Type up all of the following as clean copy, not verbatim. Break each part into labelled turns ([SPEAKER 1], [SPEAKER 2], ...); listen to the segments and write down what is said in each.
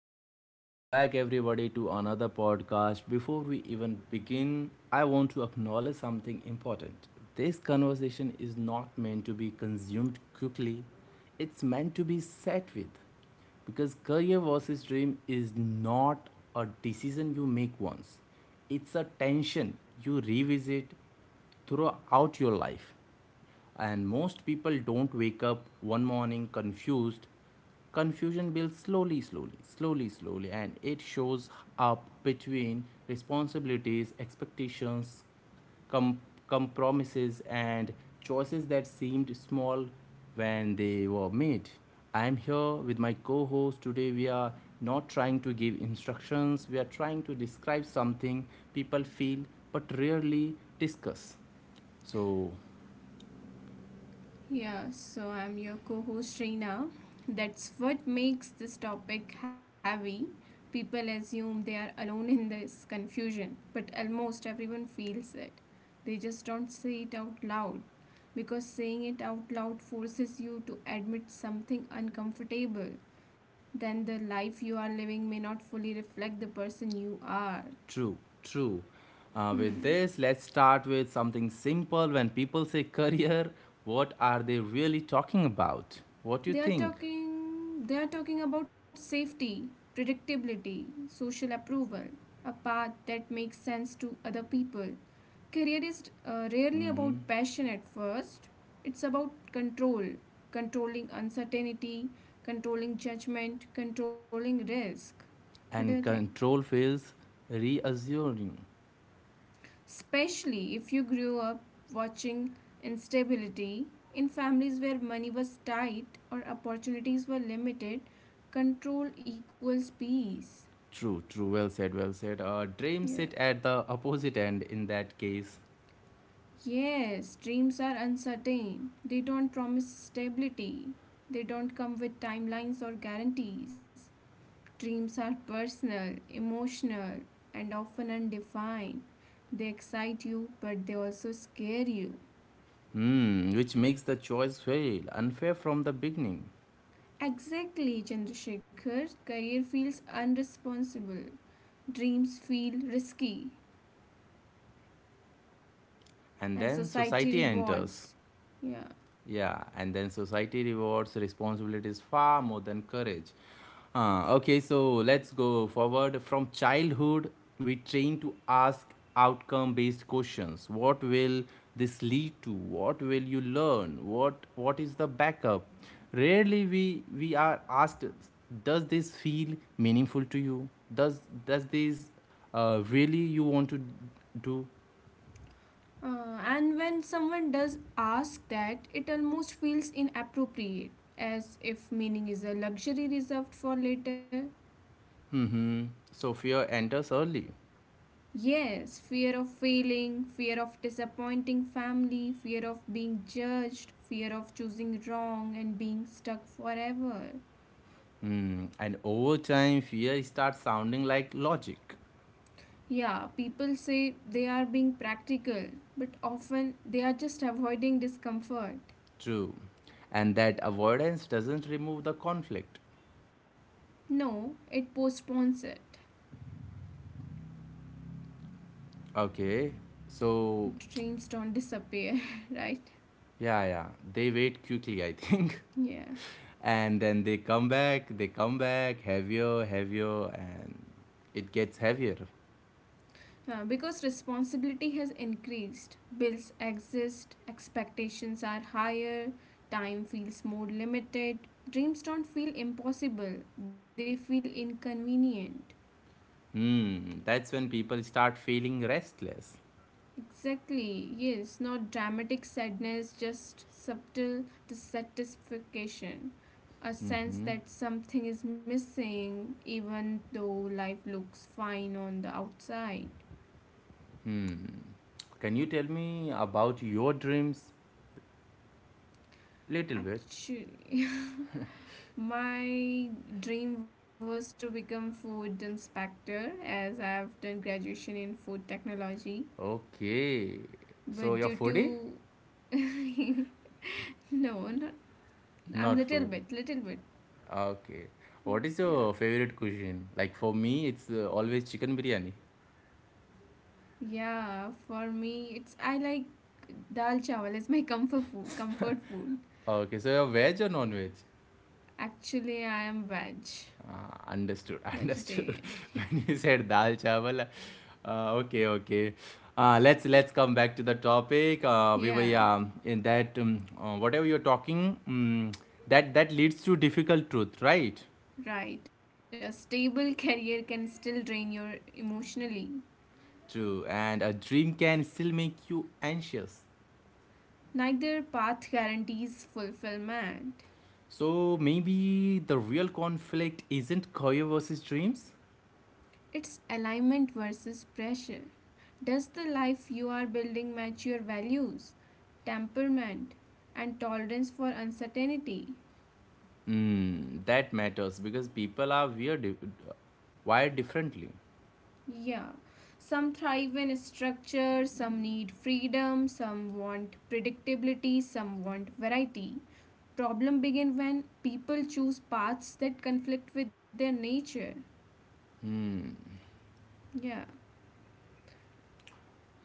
[SPEAKER 1] back. Welcome back, everybody, to another podcast. Before we even begin, I want to acknowledge something important. This conversation is not meant to be consumed quickly, it's meant to be sat with. Because career versus dream is not a decision you make once, it's a tension you revisit throughout your life. And most people don't wake up one morning confused. Confusion builds slowly, slowly, slowly, slowly, and it shows up between responsibilities, expectations, com- compromises, and choices that seemed small when they were made. I am here with my co host. Today, we are not trying to give instructions, we are trying to describe something people feel but rarely discuss. So,
[SPEAKER 2] Yeah, so I'm your co host Reena. That's what makes this topic heavy. People assume they are alone in this confusion, but almost everyone feels it. They just don't say it out loud because saying it out loud forces you to admit something uncomfortable. Then the life you are living may not fully reflect the person you are.
[SPEAKER 1] true, true. With
[SPEAKER 2] Hmm.
[SPEAKER 1] this, let's start with something simple. When people say career, what are they really talking about? What do you
[SPEAKER 2] They are
[SPEAKER 1] think?
[SPEAKER 2] talking they are talking about safety, predictability, social approval, a path that makes sense to other people. Career is rarely about passion at first. It's about control, controlling uncertainty, controlling judgment, controlling risk. What do you
[SPEAKER 1] And
[SPEAKER 2] think?
[SPEAKER 1] control feels reassuring.
[SPEAKER 2] Especially if you grew up watching instability in families where money was tight or opportunities were limited, control equals peace.
[SPEAKER 1] True, true. Well said, well said. Dreams
[SPEAKER 2] Yeah.
[SPEAKER 1] sit at the opposite end in that case.
[SPEAKER 2] Yes, dreams are uncertain. They don't promise stability. They don't come with timelines or guarantees. Dreams are personal, emotional, and often undefined. They excite you, but they also scare you.
[SPEAKER 1] Hmm, which makes the choice feel unfair from the beginning.
[SPEAKER 2] Exactly, Chandrasekhar. Career feels unresponsible, dreams feel risky,
[SPEAKER 1] And
[SPEAKER 2] and
[SPEAKER 1] then
[SPEAKER 2] society
[SPEAKER 1] society enters.
[SPEAKER 2] rewards. Yeah.
[SPEAKER 1] Yeah, and then society rewards responsibilities far more than courage. Okay, so let's go forward. From childhood, we train to ask outcome based questions. What will this lead to? What will you learn? What is the backup? Rarely we are asked, does this feel meaningful to you? Does this really you want to do?
[SPEAKER 2] And when someone does ask that, it almost feels inappropriate, as if meaning is a luxury reserved for later.
[SPEAKER 1] Hmm. So fear enters early.
[SPEAKER 2] Yes, fear of failing, fear of disappointing family, fear of being judged, fear of choosing wrong and being stuck forever.
[SPEAKER 1] Hmm, and over time, fear starts sounding like logic.
[SPEAKER 2] Yeah, people say they are being practical, but often they are just avoiding discomfort.
[SPEAKER 1] True. And that avoidance doesn't remove the conflict.
[SPEAKER 2] No, it postpones it.
[SPEAKER 1] Okay. So,
[SPEAKER 2] Dreams don't disappear, right?
[SPEAKER 1] yeah, yeah. They wait quickly, I think.
[SPEAKER 2] Yeah.
[SPEAKER 1] And then they come back, heavier, heavier, and it gets heavier.
[SPEAKER 2] Yeah, because responsibility has increased. Bills exist, expectations are higher, time feels more limited. Dreams don't feel impossible, they feel inconvenient.
[SPEAKER 1] Hmm. That's when people start feeling restless.
[SPEAKER 2] Exactly, yes, not dramatic sadness, just subtle dissatisfaction, a sense
[SPEAKER 1] Mm-hmm.
[SPEAKER 2] that something is missing, even though life looks fine on the outside.
[SPEAKER 1] Hmm. Can you tell me about your dreams? Little bit.
[SPEAKER 2] Actually, my dream was to become food inspector as I've done graduation in food technology,
[SPEAKER 1] Okay. So,
[SPEAKER 2] but
[SPEAKER 1] you're
[SPEAKER 2] due
[SPEAKER 1] foodie?
[SPEAKER 2] to no, not I'm
[SPEAKER 1] Not food.
[SPEAKER 2] little bit,
[SPEAKER 1] Ah, okay. What
[SPEAKER 2] yeah.
[SPEAKER 1] is your favorite cuisine? Like for me, it's always chicken biryani.
[SPEAKER 2] Yeah, for me, it's I like dal chawal is my comfort food. Comfort food.
[SPEAKER 1] Ah, okay, so you're veg or non-veg?
[SPEAKER 2] Actually, I am veg,
[SPEAKER 1] Ah, understood,
[SPEAKER 2] vegetarian.
[SPEAKER 1] understood. When you said dal chawal, okay, okay. Let's come back to the topic. We were, yeah,
[SPEAKER 2] Yeah,
[SPEAKER 1] in that whatever you're talking, that leads to difficult truth, right?
[SPEAKER 2] right. A stable career can still drain you emotionally.
[SPEAKER 1] True, and a dream can still make you anxious.
[SPEAKER 2] Neither path guarantees fulfillment.
[SPEAKER 1] So maybe the real conflict isn't career versus dreams?
[SPEAKER 2] It's alignment versus pressure. Does the life you are building match your values, temperament, and tolerance for uncertainty?
[SPEAKER 1] Mm, that matters because people are weird, wired differently.
[SPEAKER 2] Yeah. Some thrive in structure, some need freedom, some want predictability, some want variety. Problem begin when people choose paths that conflict with their nature. Yeah.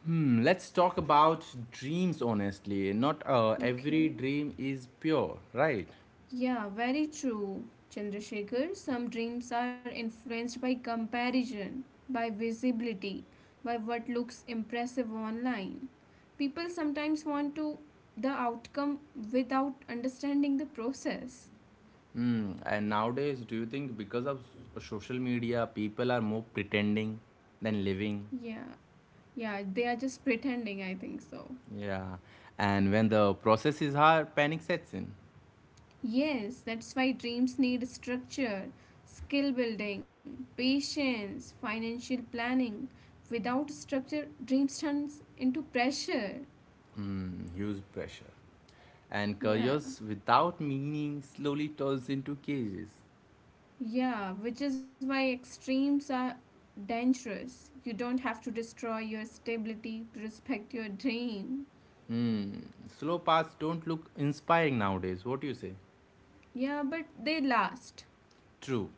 [SPEAKER 1] Hmm, let's talk about dreams honestly. Not every
[SPEAKER 2] Okay.
[SPEAKER 1] dream is pure, right?
[SPEAKER 2] Yeah, very true, Chandrasekhar. Some dreams are influenced by comparison, by visibility, by what looks impressive online. People sometimes want to the outcome without understanding the process.
[SPEAKER 1] Hmm, and nowadays, do you think because of social media, people are more pretending than living?
[SPEAKER 2] Yeah, yeah, they are just pretending, I think so.
[SPEAKER 1] Yeah. And when the process is hard, panic sets in.
[SPEAKER 2] Yes, that's why dreams need structure, skill building, patience, financial planning. Without structure, dreams turns into pressure.
[SPEAKER 1] Hmm, huge pressure. And
[SPEAKER 2] Yeah,
[SPEAKER 1] careers without meaning slowly turns into cages.
[SPEAKER 2] yeah, which is why extremes are dangerous. You don't have to destroy your stability to respect your dream.
[SPEAKER 1] Slow paths don't look inspiring nowadays. What do you say?
[SPEAKER 2] Yeah, but they last.
[SPEAKER 1] True.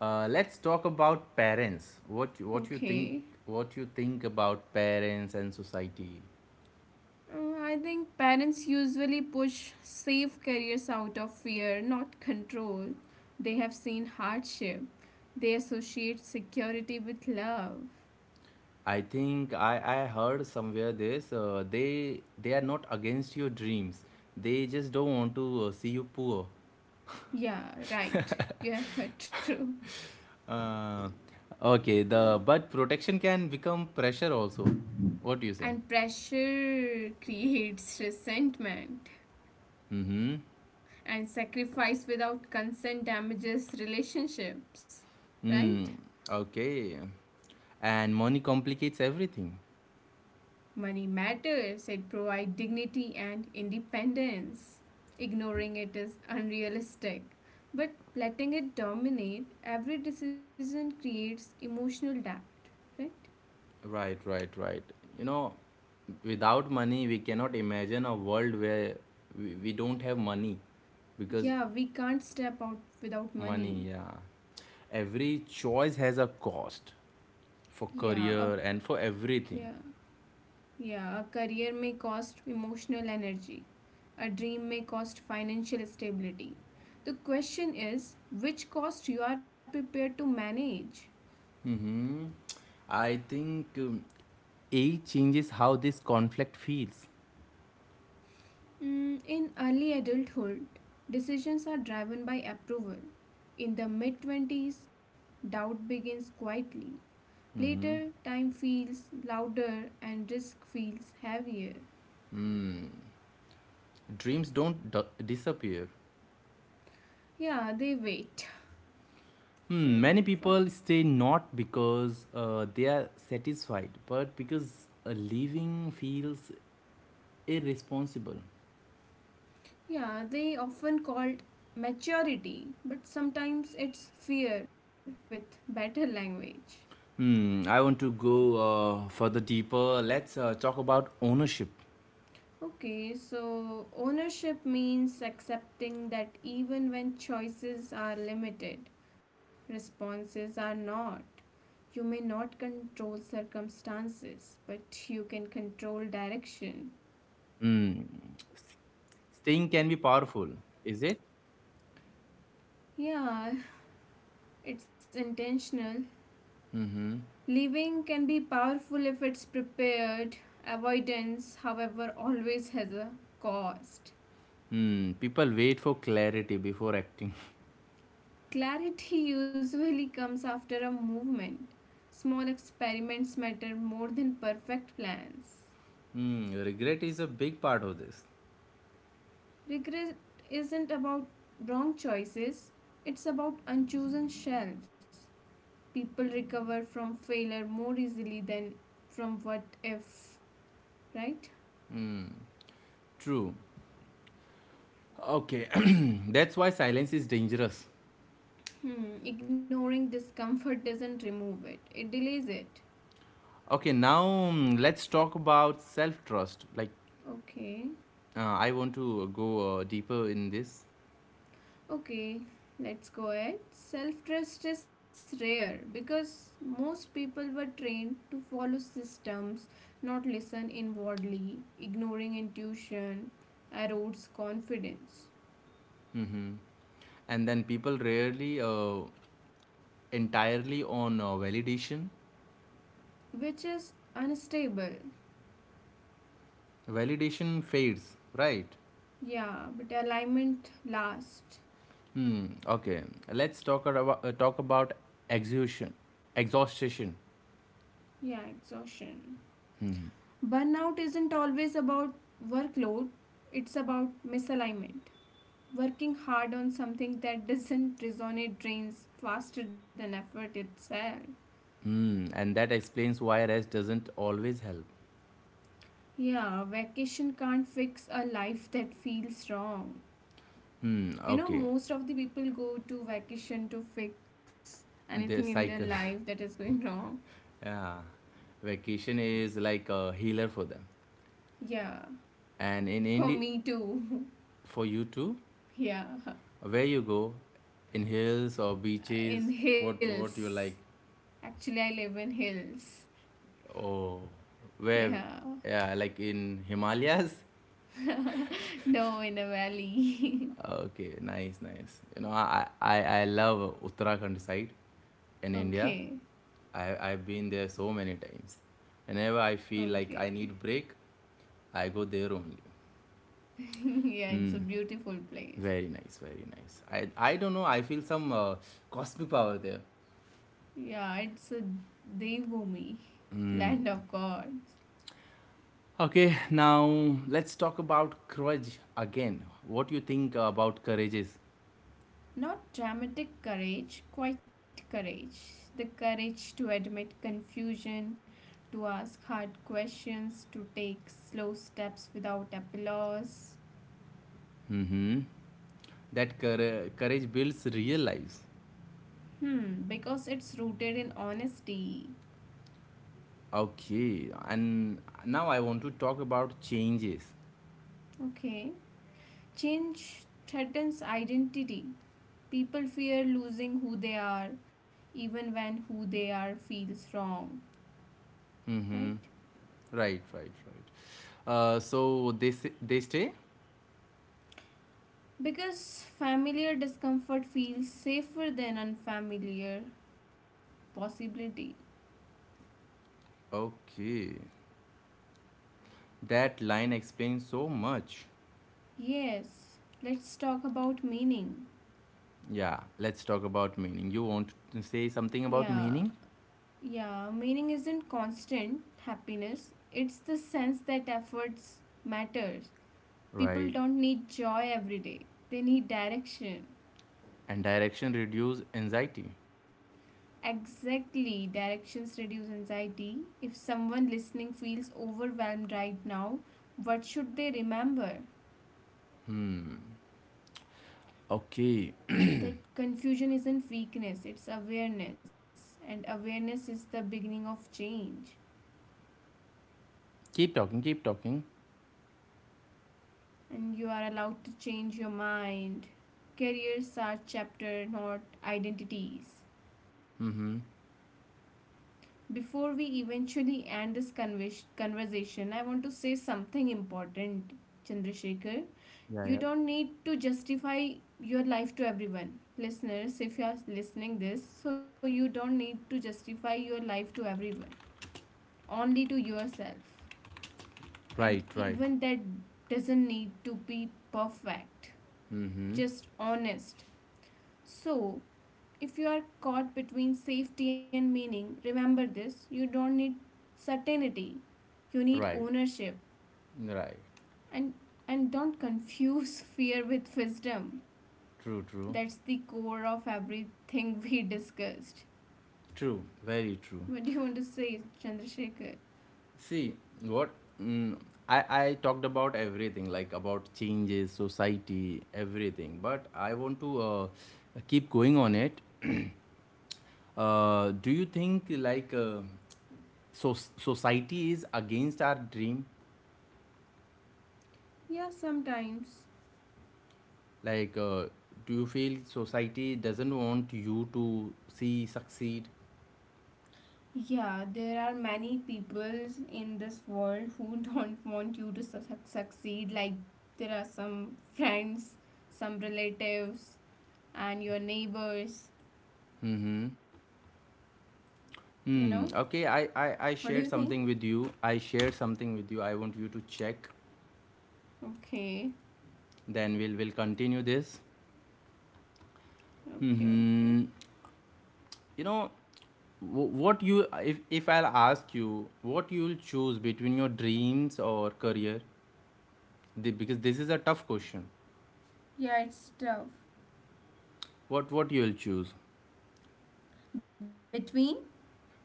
[SPEAKER 1] Let's talk about parents. What you think?
[SPEAKER 2] Okay.
[SPEAKER 1] What you think about parents and society?
[SPEAKER 2] I think parents usually push safe careers out of fear, not control. They have seen hardship. They associate security with love.
[SPEAKER 1] I think I heard somewhere this, they are not against your dreams. They just don't want to see you poor.
[SPEAKER 2] Yeah, right. You have heard true.
[SPEAKER 1] Uh, okay, the but protection can become pressure also. What do you say?
[SPEAKER 2] And pressure creates resentment.
[SPEAKER 1] Mm-hmm.
[SPEAKER 2] And sacrifice without consent damages relationships, right?
[SPEAKER 1] Hmm. Okay. And money complicates everything.
[SPEAKER 2] Money matters, it provides dignity and independence. Ignoring it is unrealistic, but letting it dominate every decision creates emotional debt, right?
[SPEAKER 1] Right, right, right. You know, without money, we cannot imagine a world where we don't have money because
[SPEAKER 2] Yeah, we can't step out without money.
[SPEAKER 1] money, yeah. Every choice has a cost for
[SPEAKER 2] Yeah,
[SPEAKER 1] career and for everything.
[SPEAKER 2] yeah. yeah. a career may cost emotional energy, a dream may cost financial stability. The question is which cost you are prepared to manage.
[SPEAKER 1] Mm-hmm. I think age changes how this conflict feels.
[SPEAKER 2] Mm, in early adulthood, decisions are driven by approval. In the mid 20s, doubt begins quietly. Later, time feels louder and risk feels heavier.
[SPEAKER 1] Mm. Dreams don't disappear,
[SPEAKER 2] Yeah, they wait. They
[SPEAKER 1] Hmm,
[SPEAKER 2] wait
[SPEAKER 1] many
[SPEAKER 2] for it.
[SPEAKER 1] people stay not because they are satisfied, but because living feels irresponsible.
[SPEAKER 2] Yeah, they often called maturity, but sometimes it's fear with better language.
[SPEAKER 1] Hmm, I want to go further deeper. Let's talk about ownership.
[SPEAKER 2] Okay, so ownership means accepting that even when choices are limited, responses are not. You may not control circumstances, but you can control direction.
[SPEAKER 1] Staying can be powerful, is it?
[SPEAKER 2] Yeah, it's intentional. Living can be powerful if it's prepared. Avoidance, however, always has a cost.
[SPEAKER 1] Hmm, people wait for clarity before acting.
[SPEAKER 2] Clarity usually comes after a movement. Small experiments matter more than perfect plans.
[SPEAKER 1] Hmm, regret is a big part of this.
[SPEAKER 2] Regret isn't about wrong choices, it's about unchosen shelves. People recover from failure more easily than from what if, right?
[SPEAKER 1] True. Okay, that's why silence is dangerous.
[SPEAKER 2] Hmm, ignoring discomfort doesn't remove it, it delays it.
[SPEAKER 1] Okay, now mm, let's talk about self trust. Like
[SPEAKER 2] Okay,
[SPEAKER 1] uh, I want to go deeper in this.
[SPEAKER 2] okay, let's go ahead. Self trust is rare because most people were trained to follow systems, not listen inwardly. Ignoring intuition erodes confidence,
[SPEAKER 1] And then people rarely entirely on validation.
[SPEAKER 2] which is unstable.
[SPEAKER 1] Validation fades, right?
[SPEAKER 2] Yeah, but alignment lasts.
[SPEAKER 1] Hmm. Okay. Let's talk about exhaustion. Exhaustion.
[SPEAKER 2] Yeah, exhaustion. Burnout isn't always about workload, it's about misalignment. Working hard on something that doesn't resonate drains faster than effort itself.
[SPEAKER 1] Hmm. And that explains why rest doesn't always help.
[SPEAKER 2] Yeah, vacation can't fix a life that feels wrong.
[SPEAKER 1] Hmm.
[SPEAKER 2] You know,
[SPEAKER 1] Okay.
[SPEAKER 2] most of the people go to vacation to fix
[SPEAKER 1] The
[SPEAKER 2] anything in their
[SPEAKER 1] cycle.
[SPEAKER 2] life that is going wrong.
[SPEAKER 1] Yeah. Vacation is like a healer for them,
[SPEAKER 2] Yeah,
[SPEAKER 1] and in
[SPEAKER 2] for
[SPEAKER 1] India,
[SPEAKER 2] me too.
[SPEAKER 1] for you too.
[SPEAKER 2] yeah,
[SPEAKER 1] Where you go? In hills or beaches?
[SPEAKER 2] in
[SPEAKER 1] What you
[SPEAKER 2] hills.
[SPEAKER 1] like?
[SPEAKER 2] Actually, I live in hills.
[SPEAKER 1] Oh, where?
[SPEAKER 2] Yeah.
[SPEAKER 1] Yeah, like in Himalayas.
[SPEAKER 2] no, in a valley.
[SPEAKER 1] Okay, nice, nice. You know, I love Uttarakhand side in India.
[SPEAKER 2] okay,
[SPEAKER 1] I've been there so many times. Whenever I feel like I
[SPEAKER 2] okay.
[SPEAKER 1] need break, I go there only.
[SPEAKER 2] yeah, it's
[SPEAKER 1] Hmm.
[SPEAKER 2] a beautiful place.
[SPEAKER 1] Very nice, very nice. I don't know. I feel some cosmic power there.
[SPEAKER 2] Yeah, it's a Devbhumi, land of gods.
[SPEAKER 1] Okay, now let's talk about courage again. What you think about courage is?
[SPEAKER 2] Not dramatic courage, quite courage. The courage to admit confusion, to ask hard questions, to take slow steps without applause.
[SPEAKER 1] Hmm. That courage builds real lives.
[SPEAKER 2] Hmm, because it's rooted in honesty.
[SPEAKER 1] Okay, and now I want to talk about changes.
[SPEAKER 2] Okay. Change threatens identity. People fear losing who they are, even when who they are feels wrong. Right?
[SPEAKER 1] Hmm. Right, right, right. So they stay.
[SPEAKER 2] Because familiar discomfort feels safer than unfamiliar possibility.
[SPEAKER 1] Okay, that line explains so much.
[SPEAKER 2] Yes, let's talk about meaning.
[SPEAKER 1] Yeah, let's talk about meaning. You want to say something about
[SPEAKER 2] Yeah,
[SPEAKER 1] meaning,
[SPEAKER 2] yeah, meaning isn't constant happiness, it's the sense that efforts matter. People
[SPEAKER 1] right?
[SPEAKER 2] don't need joy every day, they need direction.
[SPEAKER 1] And direction reduce anxiety.
[SPEAKER 2] Exactly, directions reduce anxiety. If someone listening feels overwhelmed right now, what should they remember?
[SPEAKER 1] Okay,
[SPEAKER 2] That confusion isn't weakness, it's awareness. And awareness is the beginning of change.
[SPEAKER 1] keep talking, keep talking.
[SPEAKER 2] And you are allowed to change your mind. Careers are chapter, not identities. Before we eventually end this conversation, I want to say something important, Chandrasekhar.
[SPEAKER 1] Yeah,
[SPEAKER 2] You
[SPEAKER 1] yeah.
[SPEAKER 2] don't need to justify your life to everyone. Listeners, if you are listening this, so you don't need to justify your life to everyone, only to yourself, and
[SPEAKER 1] Right, right.
[SPEAKER 2] even that doesn't need to be perfect,
[SPEAKER 1] Mm-hmm.
[SPEAKER 2] just honest. So, if you are caught between safety and meaning, remember this: you don't need certainty, you need
[SPEAKER 1] Right,
[SPEAKER 2] ownership,
[SPEAKER 1] right.
[SPEAKER 2] and, and don't confuse fear with wisdom.
[SPEAKER 1] True, true,
[SPEAKER 2] That's the core of everything we discussed.
[SPEAKER 1] true. Very true.
[SPEAKER 2] What do you want to say, Chandrasekhar?
[SPEAKER 1] See what? Mm, I talked about everything, like about changes, society, everything. But I want to keep going on it. Do you think so society is against our dream?
[SPEAKER 2] Yeah, sometimes.
[SPEAKER 1] Like, uh, do you feel society doesn't want you to see succeed?
[SPEAKER 2] Yeah, there are many people in this world who don't want you to succeed. Like there are some friends, some relatives, and your neighbors. You know?
[SPEAKER 1] Hmm. Okay. I
[SPEAKER 2] What do
[SPEAKER 1] shared
[SPEAKER 2] you think?
[SPEAKER 1] something with you. I shared something with you. I want you to check.
[SPEAKER 2] Okay,
[SPEAKER 1] Then we'll continue this.
[SPEAKER 2] okay,
[SPEAKER 1] Hmm.
[SPEAKER 2] okay.
[SPEAKER 1] You know, wh- what you if I'll ask you what you'll choose between your dreams or career, because this is a tough question.
[SPEAKER 2] Yeah, it's tough.
[SPEAKER 1] What you'll choose
[SPEAKER 2] Between,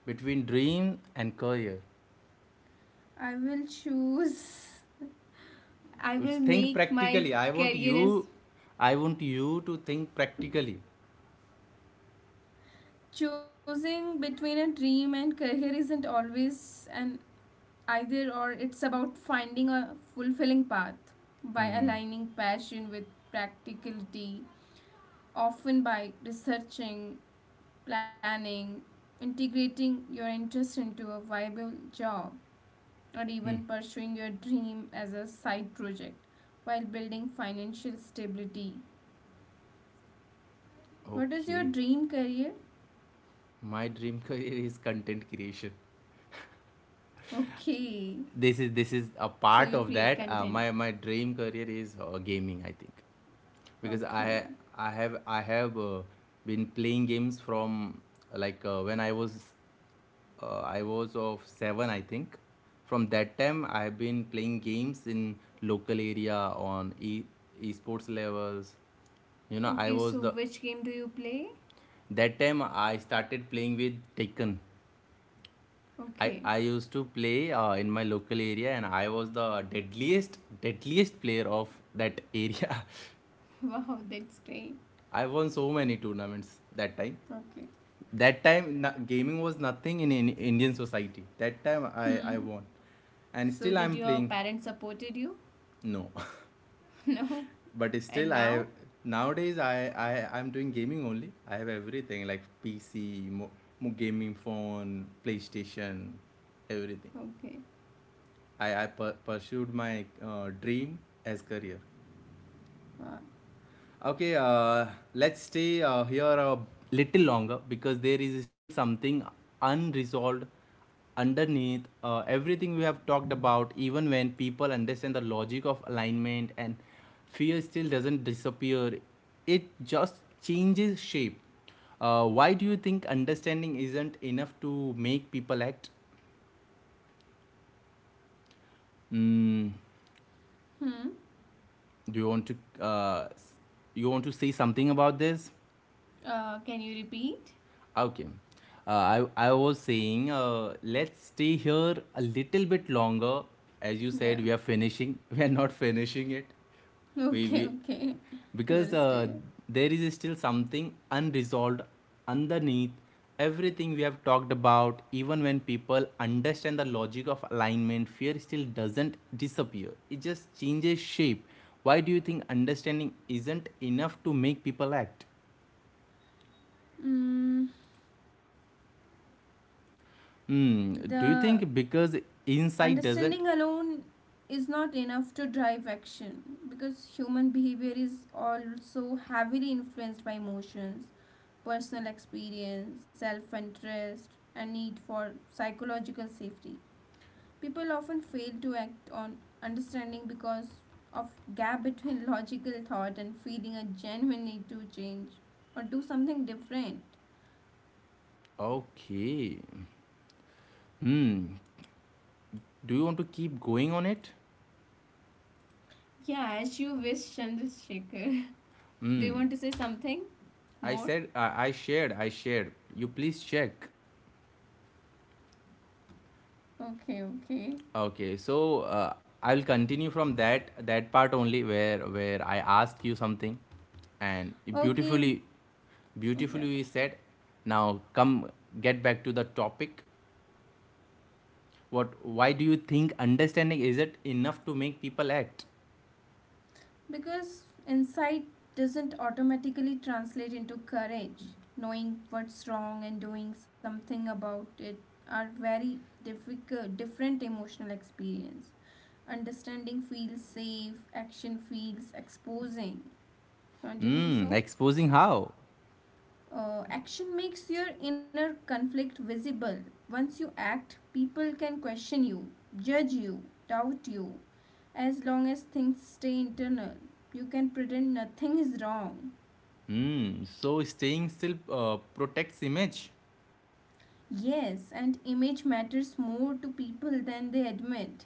[SPEAKER 1] between dream and career?
[SPEAKER 2] I will choose. I
[SPEAKER 1] It's
[SPEAKER 2] will
[SPEAKER 1] think
[SPEAKER 2] make my
[SPEAKER 1] practically.
[SPEAKER 2] career as
[SPEAKER 1] I want you to think practically.
[SPEAKER 2] choosing between a dream and career isn't always an either or, it's about finding a fulfilling path by aligning passion with practicality, often by researching, planning, integrating your interest into a viable job, or even pursuing your dream as a side project while building financial stability. What is your
[SPEAKER 1] Okay.
[SPEAKER 2] dream career?
[SPEAKER 1] My dream career is content creation.
[SPEAKER 2] Okay,
[SPEAKER 1] This is a
[SPEAKER 2] so you
[SPEAKER 1] part of
[SPEAKER 2] create
[SPEAKER 1] that, uh,
[SPEAKER 2] content.
[SPEAKER 1] my my dream career is gaming, I think, because i
[SPEAKER 2] Okay.
[SPEAKER 1] i have I have been playing games from like when I was I was of 7, I think. From that time I have been playing games in local area, on e esports levels, you know. i
[SPEAKER 2] Okay,
[SPEAKER 1] was
[SPEAKER 2] so
[SPEAKER 1] the
[SPEAKER 2] which game do you play?
[SPEAKER 1] that time I started playing with Taken. I,
[SPEAKER 2] Okay.
[SPEAKER 1] I used to play in my local area and I was the deadliest player of that area.
[SPEAKER 2] Wow, that's great.
[SPEAKER 1] I won so many tournaments that time.
[SPEAKER 2] Okay.
[SPEAKER 1] That time gaming was nothing in Indian society. That time I
[SPEAKER 2] Hmm.
[SPEAKER 1] won. And
[SPEAKER 2] So
[SPEAKER 1] still
[SPEAKER 2] did
[SPEAKER 1] I'm
[SPEAKER 2] your
[SPEAKER 1] playing.
[SPEAKER 2] parents supported you?
[SPEAKER 1] No.
[SPEAKER 2] No.
[SPEAKER 1] But still
[SPEAKER 2] And
[SPEAKER 1] I
[SPEAKER 2] now?
[SPEAKER 1] nowadays, I'm doing gaming only. I have everything like PC, mo, mo gaming phone, PlayStation, everything.
[SPEAKER 2] Okay.
[SPEAKER 1] I pursued my dream as career.
[SPEAKER 2] Wow.
[SPEAKER 1] Okay, let's stay here a little longer because there is still something unresolved underneath everything we have talked about. Even when people understand the logic of alignment and fear still doesn't disappear, it just changes shape. Why do you think understanding isn't enough to make people act? Mm,
[SPEAKER 2] Hmm.
[SPEAKER 1] do you want to uh, say something about this?
[SPEAKER 2] Can you repeat?
[SPEAKER 1] Okay. I was saying, let's stay here a little bit longer. As you said,
[SPEAKER 2] Yeah.
[SPEAKER 1] we are finishing. We are not finishing it. We
[SPEAKER 2] Okay, okay. We
[SPEAKER 1] because
[SPEAKER 2] will stay.
[SPEAKER 1] there is still something unresolved underneath everything we have talked about. Even when people understand the logic of alignment, fear still doesn't disappear. It just changes shape. Why do you think understanding isn't enough to make people act?
[SPEAKER 2] Mm,
[SPEAKER 1] Hmm. Do you
[SPEAKER 2] the
[SPEAKER 1] think because inside doesn't?
[SPEAKER 2] understanding alone is not enough to drive action because human behavior is also heavily influenced by emotions, personal experience, self interest, and need for psychological safety. People often fail to act on understanding because of gap between logical thought and feeling a genuine need to change or do something different.
[SPEAKER 1] Okay. Hmm. Do you want to keep going on it?
[SPEAKER 2] Yeah, as you wish, Chandrasekhar. Do you want to say something
[SPEAKER 1] I
[SPEAKER 2] more?
[SPEAKER 1] said, I shared. I shared. You please check.
[SPEAKER 2] Okay, okay.
[SPEAKER 1] Okay. So I'll continue from that part only where I asked you something, and
[SPEAKER 2] Okay,
[SPEAKER 1] beautifully,
[SPEAKER 2] okay,
[SPEAKER 1] beautifully you
[SPEAKER 2] okay.
[SPEAKER 1] said. Now come get back to the topic. What? Why do you think understanding isn't enough to make people act?
[SPEAKER 2] Because insight doesn't automatically translate into courage. Knowing what's wrong and doing something about it are very difficult, different emotional experience. Understanding feels safe, action feels exposing. Don't you think
[SPEAKER 1] Hmm.
[SPEAKER 2] so?
[SPEAKER 1] Exposing how?
[SPEAKER 2] Action makes your inner conflict visible. Once you act, people can question you, judge you, doubt you. As long as things stay internal, you can pretend nothing is wrong.
[SPEAKER 1] Hmm. So staying still protects image.
[SPEAKER 2] Yes, and image matters more to people than they admit.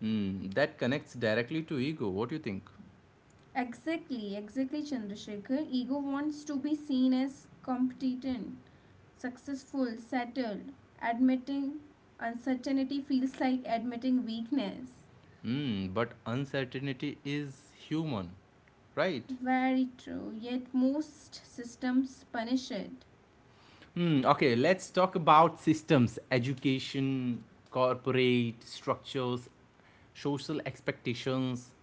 [SPEAKER 1] Hmm. That connects directly to ego. What do you think?
[SPEAKER 2] Exactly, exactly, Chandrasekhar. Ego wants to be seen as competent, successful, settled. Admitting uncertainty feels like admitting weakness.
[SPEAKER 1] Hmm. But uncertainty is human, right?
[SPEAKER 2] Very true. Yet most systems punish it.
[SPEAKER 1] Hmm. Okay. Let's talk about systems, education, corporate structures, social expectations.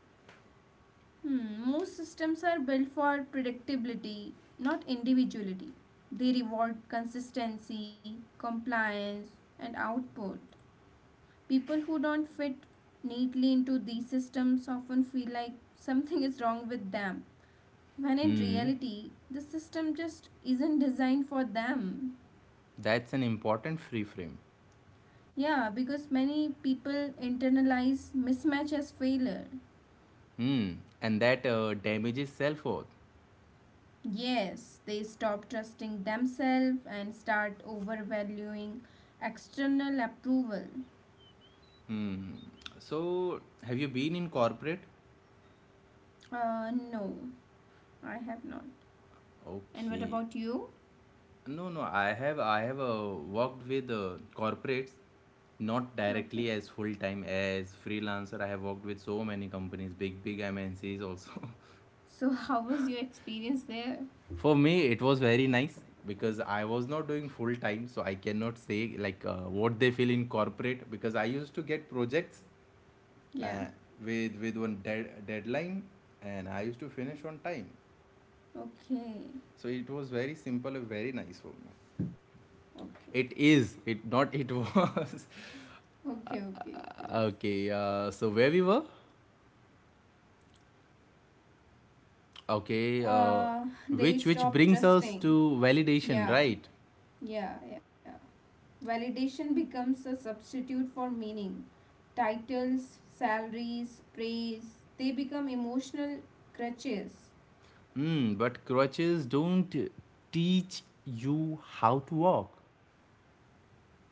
[SPEAKER 2] Hmm, most systems are built for predictability, not individuality. They reward consistency, compliance, and output. People who don't fit neatly into these systems often feel like something is wrong with them, when in
[SPEAKER 1] Hmm.
[SPEAKER 2] reality, the system just isn't designed for them.
[SPEAKER 1] That's an important free frame.
[SPEAKER 2] Yeah, because many people internalize mismatch as failure.
[SPEAKER 1] Hmm. And that damages self worth.
[SPEAKER 2] Yes, they stop trusting themselves and start overvaluing external approval.
[SPEAKER 1] Hmm. So have you been in corporate?
[SPEAKER 2] No, I have not. And what
[SPEAKER 1] Okay.
[SPEAKER 2] about you?
[SPEAKER 1] No, no. I have worked with corporates, not directly
[SPEAKER 2] Okay.
[SPEAKER 1] as full time as freelancer. I have worked with so many companies, big MNCs also.
[SPEAKER 2] So, how was your experience there?
[SPEAKER 1] For me, it was very nice because I was not doing full time, so I cannot say like what they feel in corporate because I used to get projects
[SPEAKER 2] Yeah.
[SPEAKER 1] uh, with one deadline and I used to finish on time.
[SPEAKER 2] Okay.
[SPEAKER 1] So it was very simple and very nice for me.
[SPEAKER 2] Okay.
[SPEAKER 1] It is. It not. It was.
[SPEAKER 2] Okay, okay, it is.
[SPEAKER 1] Okay, so where we were? Okay,
[SPEAKER 2] They
[SPEAKER 1] which
[SPEAKER 2] stop
[SPEAKER 1] brings us
[SPEAKER 2] trusting.
[SPEAKER 1] to validation,
[SPEAKER 2] Yeah,
[SPEAKER 1] right?
[SPEAKER 2] yeah, yeah. Validation becomes a substitute for meaning. Titles, salaries, praise, they become emotional crutches.
[SPEAKER 1] Hmm, but crutches don't teach you how to walk.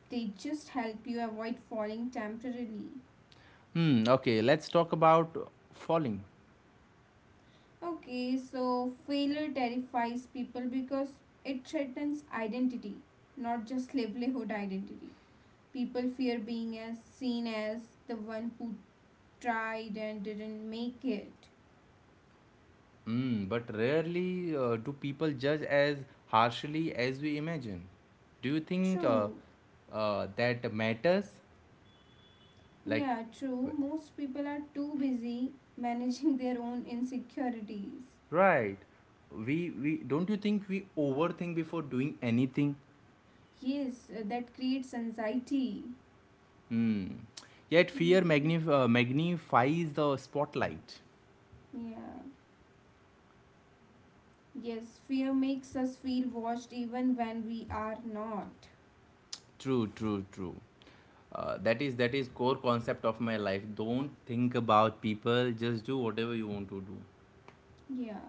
[SPEAKER 2] They just help you avoid falling temporarily.
[SPEAKER 1] Hmm, okay, let's talk about falling.
[SPEAKER 2] Okay, so failure terrifies people because it threatens identity, not just livelihood identity. People fear being as seen as the one who tried and didn't make it.
[SPEAKER 1] Hmm, but rarely do people judge as harshly as we imagine. Do you think
[SPEAKER 2] True.
[SPEAKER 1] that matters? Like,
[SPEAKER 2] Yeah, true.
[SPEAKER 1] w-
[SPEAKER 2] Most people are too busy managing their own insecurities.
[SPEAKER 1] right. We don't you think we overthink before doing anything?
[SPEAKER 2] Yes, that creates anxiety.
[SPEAKER 1] Hmm. Yet fear
[SPEAKER 2] Hmm.
[SPEAKER 1] magnif- uh, magnifies the spotlight.
[SPEAKER 2] Yeah. Yes, fear makes us feel watched even when we are not.
[SPEAKER 1] True, true, true. That is core concept of my life. Don't think about people. Just do whatever you want to do.
[SPEAKER 2] Yeah,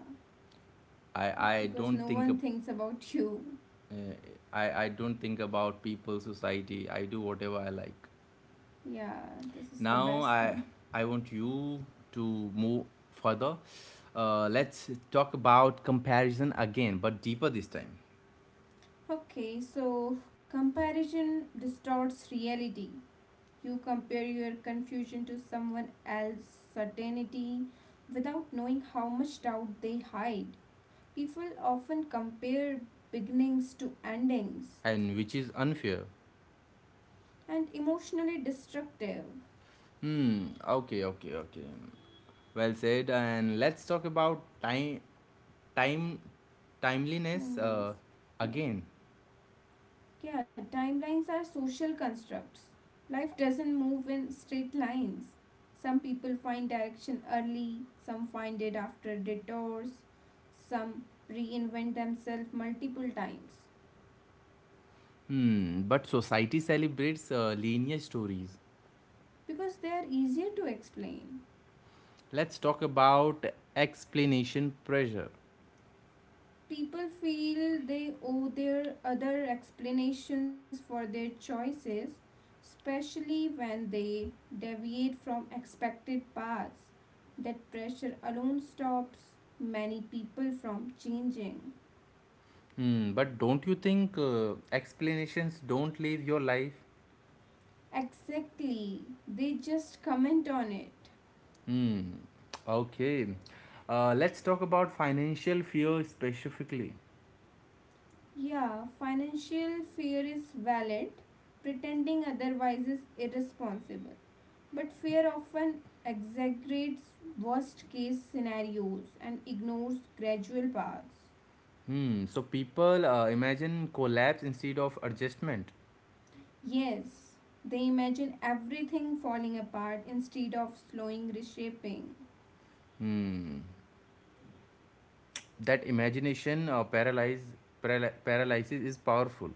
[SPEAKER 1] I I
[SPEAKER 2] because
[SPEAKER 1] don't
[SPEAKER 2] no
[SPEAKER 1] think.
[SPEAKER 2] one
[SPEAKER 1] ab-
[SPEAKER 2] thinks about you.
[SPEAKER 1] Uh, I don't think about people, society. I do whatever I like.
[SPEAKER 2] Yeah, this is the
[SPEAKER 1] Now
[SPEAKER 2] best
[SPEAKER 1] I
[SPEAKER 2] thing.
[SPEAKER 1] I want you to move further. Let's talk about comparison again, but deeper this time,
[SPEAKER 2] Okay, so comparison distorts reality. You compare your confusion to someone else's certainty without knowing how much doubt they hide. People often compare beginnings to endings,
[SPEAKER 1] and which is unfair.
[SPEAKER 2] and emotionally destructive.
[SPEAKER 1] Hmm. Okay. Okay. Okay. Well said. And let's talk about time, time, timeliness
[SPEAKER 2] Timelines. Yeah.
[SPEAKER 1] again.
[SPEAKER 2] Yeah, timelines are social constructs. Life doesn't move in straight lines. Some people find direction early, some find it after detours, some reinvent themselves multiple times
[SPEAKER 1] Hmm. But society celebrates linear stories.
[SPEAKER 2] because they are easier to explain.
[SPEAKER 1] Let's talk about explanation pressure.
[SPEAKER 2] People feel they owe their other explanations for their choices, especially when they deviate from expected paths. That pressure alone stops many people from changing.
[SPEAKER 1] Hmm. But don't you think explanations don't live your life?
[SPEAKER 2] Exactly, they just comment on it.
[SPEAKER 1] Hmm. Okay. Let's talk about financial fear specifically.
[SPEAKER 2] Yeah, financial fear is valid. Pretending otherwise is irresponsible. But fear often exaggerates worst case scenarios and ignores gradual paths.
[SPEAKER 1] Hmm. So people imagine collapse instead of adjustment.
[SPEAKER 2] Yes, they imagine everything falling apart instead of slowing reshaping.
[SPEAKER 1] Hmm. That imagination paralysis is powerful.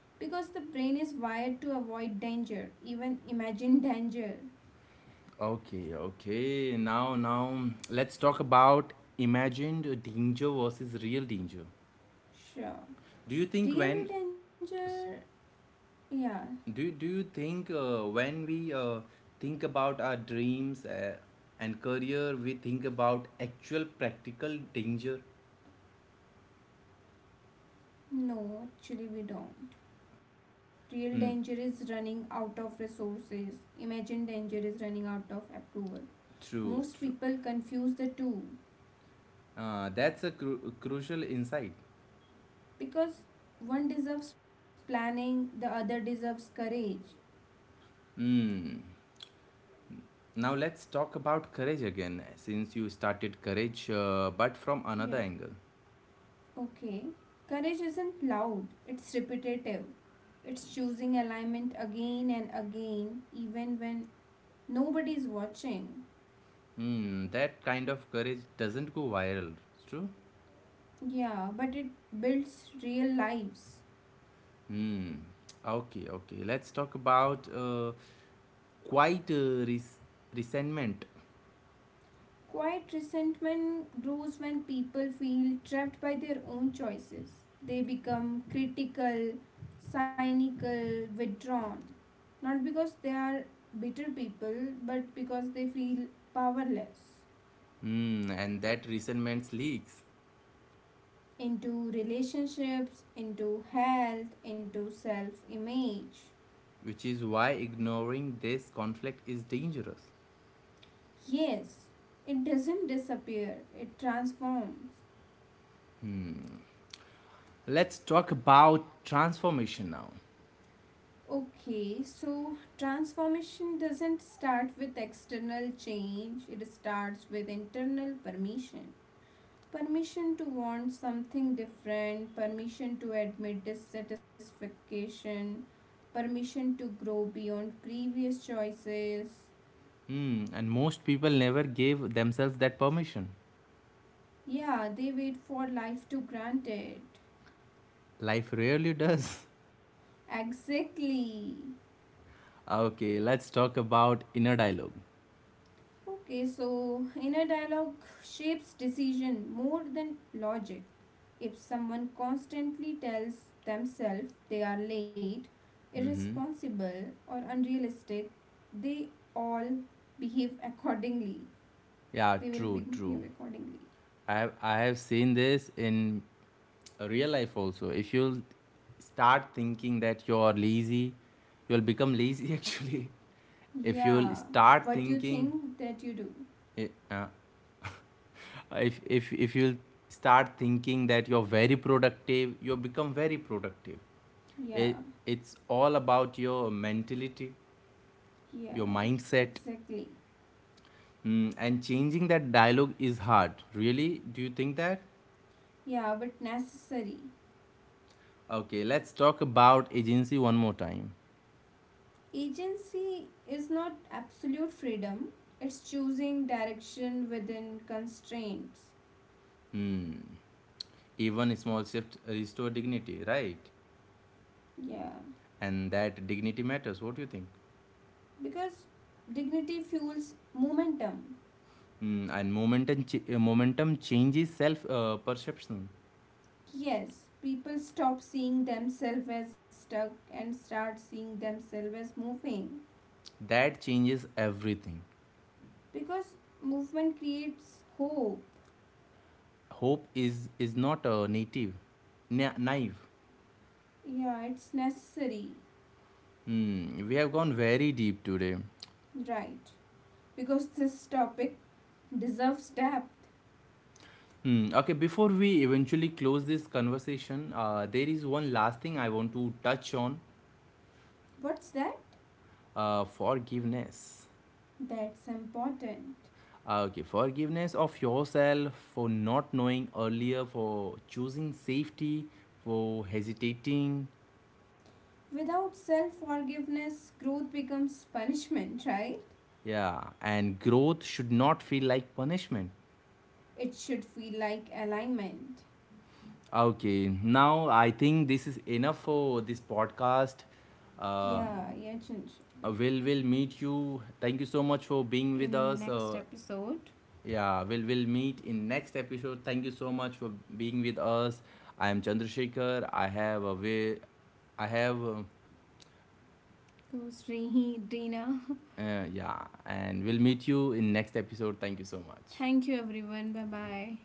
[SPEAKER 2] Because the brain is wired to avoid danger, even imagine danger.
[SPEAKER 1] Okay, okay. Now, now, let's talk about imagined danger versus real danger.
[SPEAKER 2] Sure.
[SPEAKER 1] Do you think
[SPEAKER 2] Real
[SPEAKER 1] when,
[SPEAKER 2] danger?
[SPEAKER 1] s-
[SPEAKER 2] Yeah.
[SPEAKER 1] do you think when we think about our dreams and career, we think about actual practical danger?
[SPEAKER 2] No, actually, we don't. Real danger is
[SPEAKER 1] Hmm.
[SPEAKER 2] running out of resources. Imagined danger is running out of approval.
[SPEAKER 1] True,
[SPEAKER 2] Most
[SPEAKER 1] true.
[SPEAKER 2] people confuse the two
[SPEAKER 1] That's a crucial insight.
[SPEAKER 2] because one deserves planning, the other deserves courage.
[SPEAKER 1] Hmm. Now let's talk about courage again, since you started courage, but from
[SPEAKER 2] Yeah,
[SPEAKER 1] another angle.
[SPEAKER 2] okay. Courage isn't loud, it's repetitive. It's choosing alignment again and again, even when nobody's watching.
[SPEAKER 1] Hmm, that kind of courage doesn't go viral. It's true.
[SPEAKER 2] Yeah, but it builds real lives.
[SPEAKER 1] Hmm. Okay, okay. Let's talk about quiet resentment.
[SPEAKER 2] Quiet resentment grows when people feel trapped by their own choices. They become critical, cynical, withdrawn. Not because they are bitter people, but because they feel powerless
[SPEAKER 1] Hmm, and that resentment leaks,
[SPEAKER 2] into relationships, into health, into self image.
[SPEAKER 1] which is why ignoring this conflict is dangerous.
[SPEAKER 2] Yes, it doesn't disappear, it transforms.
[SPEAKER 1] Let's talk about transformation now.
[SPEAKER 2] Okay, so transformation doesn't start with external change, it starts with internal permission. Permission to want something different, permission to admit dissatisfaction, permission to grow beyond previous choices.
[SPEAKER 1] Hmm, and most people never give themselves that permission.
[SPEAKER 2] Yeah, they wait for life to grant it.
[SPEAKER 1] Life rarely does.
[SPEAKER 2] Exactly.
[SPEAKER 1] Okay, let's talk about inner dialogue.
[SPEAKER 2] Okay, so inner dialogue shapes decision more than logic. If someone constantly tells themselves they are late, irresponsible, or unrealistic, they all behave accordingly.
[SPEAKER 1] Yeah,
[SPEAKER 2] They will
[SPEAKER 1] true, true.
[SPEAKER 2] behave accordingly.
[SPEAKER 1] I have seen this in real life also. If you'll start thinking that you're lazy, you'll become lazy actually. If you'll
[SPEAKER 2] Yeah,
[SPEAKER 1] start
[SPEAKER 2] what you
[SPEAKER 1] thinking,
[SPEAKER 2] think that you do.
[SPEAKER 1] eh, uh, if you'll start thinking that you're very productive, you'll become very productive. It,
[SPEAKER 2] Yeah,
[SPEAKER 1] it's all about your mentality, your
[SPEAKER 2] yeah,
[SPEAKER 1] mindset.
[SPEAKER 2] exactly.
[SPEAKER 1] Hmm, and changing that dialogue is hard. Really? Do you think that?
[SPEAKER 2] Yeah, but necessary.
[SPEAKER 1] Okay, let's talk about agency one more time.
[SPEAKER 2] Agency is not absolute freedom, it's choosing direction within constraints.
[SPEAKER 1] Even small shifts restore dignity, right?
[SPEAKER 2] Yeah,
[SPEAKER 1] And that dignity matters. What do you think?
[SPEAKER 2] because dignity fuels momentum.
[SPEAKER 1] Mm, and momentum changes self perception.
[SPEAKER 2] Yes, people stop seeing themselves as stuck and start seeing themselves as moving
[SPEAKER 1] That changes everything.
[SPEAKER 2] because movement creates hope.
[SPEAKER 1] Hope is not a native, na- naive.
[SPEAKER 2] Yeah, it's necessary,
[SPEAKER 1] Mm, we have gone very deep today.
[SPEAKER 2] right? Because this topic deserves depth.
[SPEAKER 1] Hmm. Okay, before we eventually close this conversation, there is one last thing I want to touch on,
[SPEAKER 2] What's that?
[SPEAKER 1] forgiveness.
[SPEAKER 2] That's important.
[SPEAKER 1] Okay, forgiveness of yourself for not knowing earlier, for choosing safety, for hesitating.
[SPEAKER 2] Without self forgiveness, growth becomes punishment, right?
[SPEAKER 1] Yeah, and growth should not feel like punishment.
[SPEAKER 2] It should feel like alignment.
[SPEAKER 1] Okay, now I think this is enough for this podcast. Uh,
[SPEAKER 2] Yeah, yeah, Chinchu.
[SPEAKER 1] will meet you. Thank you so much for being with
[SPEAKER 2] In
[SPEAKER 1] us.
[SPEAKER 2] next episode,
[SPEAKER 1] Yeah, we'll meet in next episode. Thank you so much for being with us. I am Chandrasekhar. I have a way. I have.
[SPEAKER 2] goes Rehi, Dina.
[SPEAKER 1] Yeah, and we'll meet you in next episode. Thank you so much.
[SPEAKER 2] Thank you, everyone. Bye bye.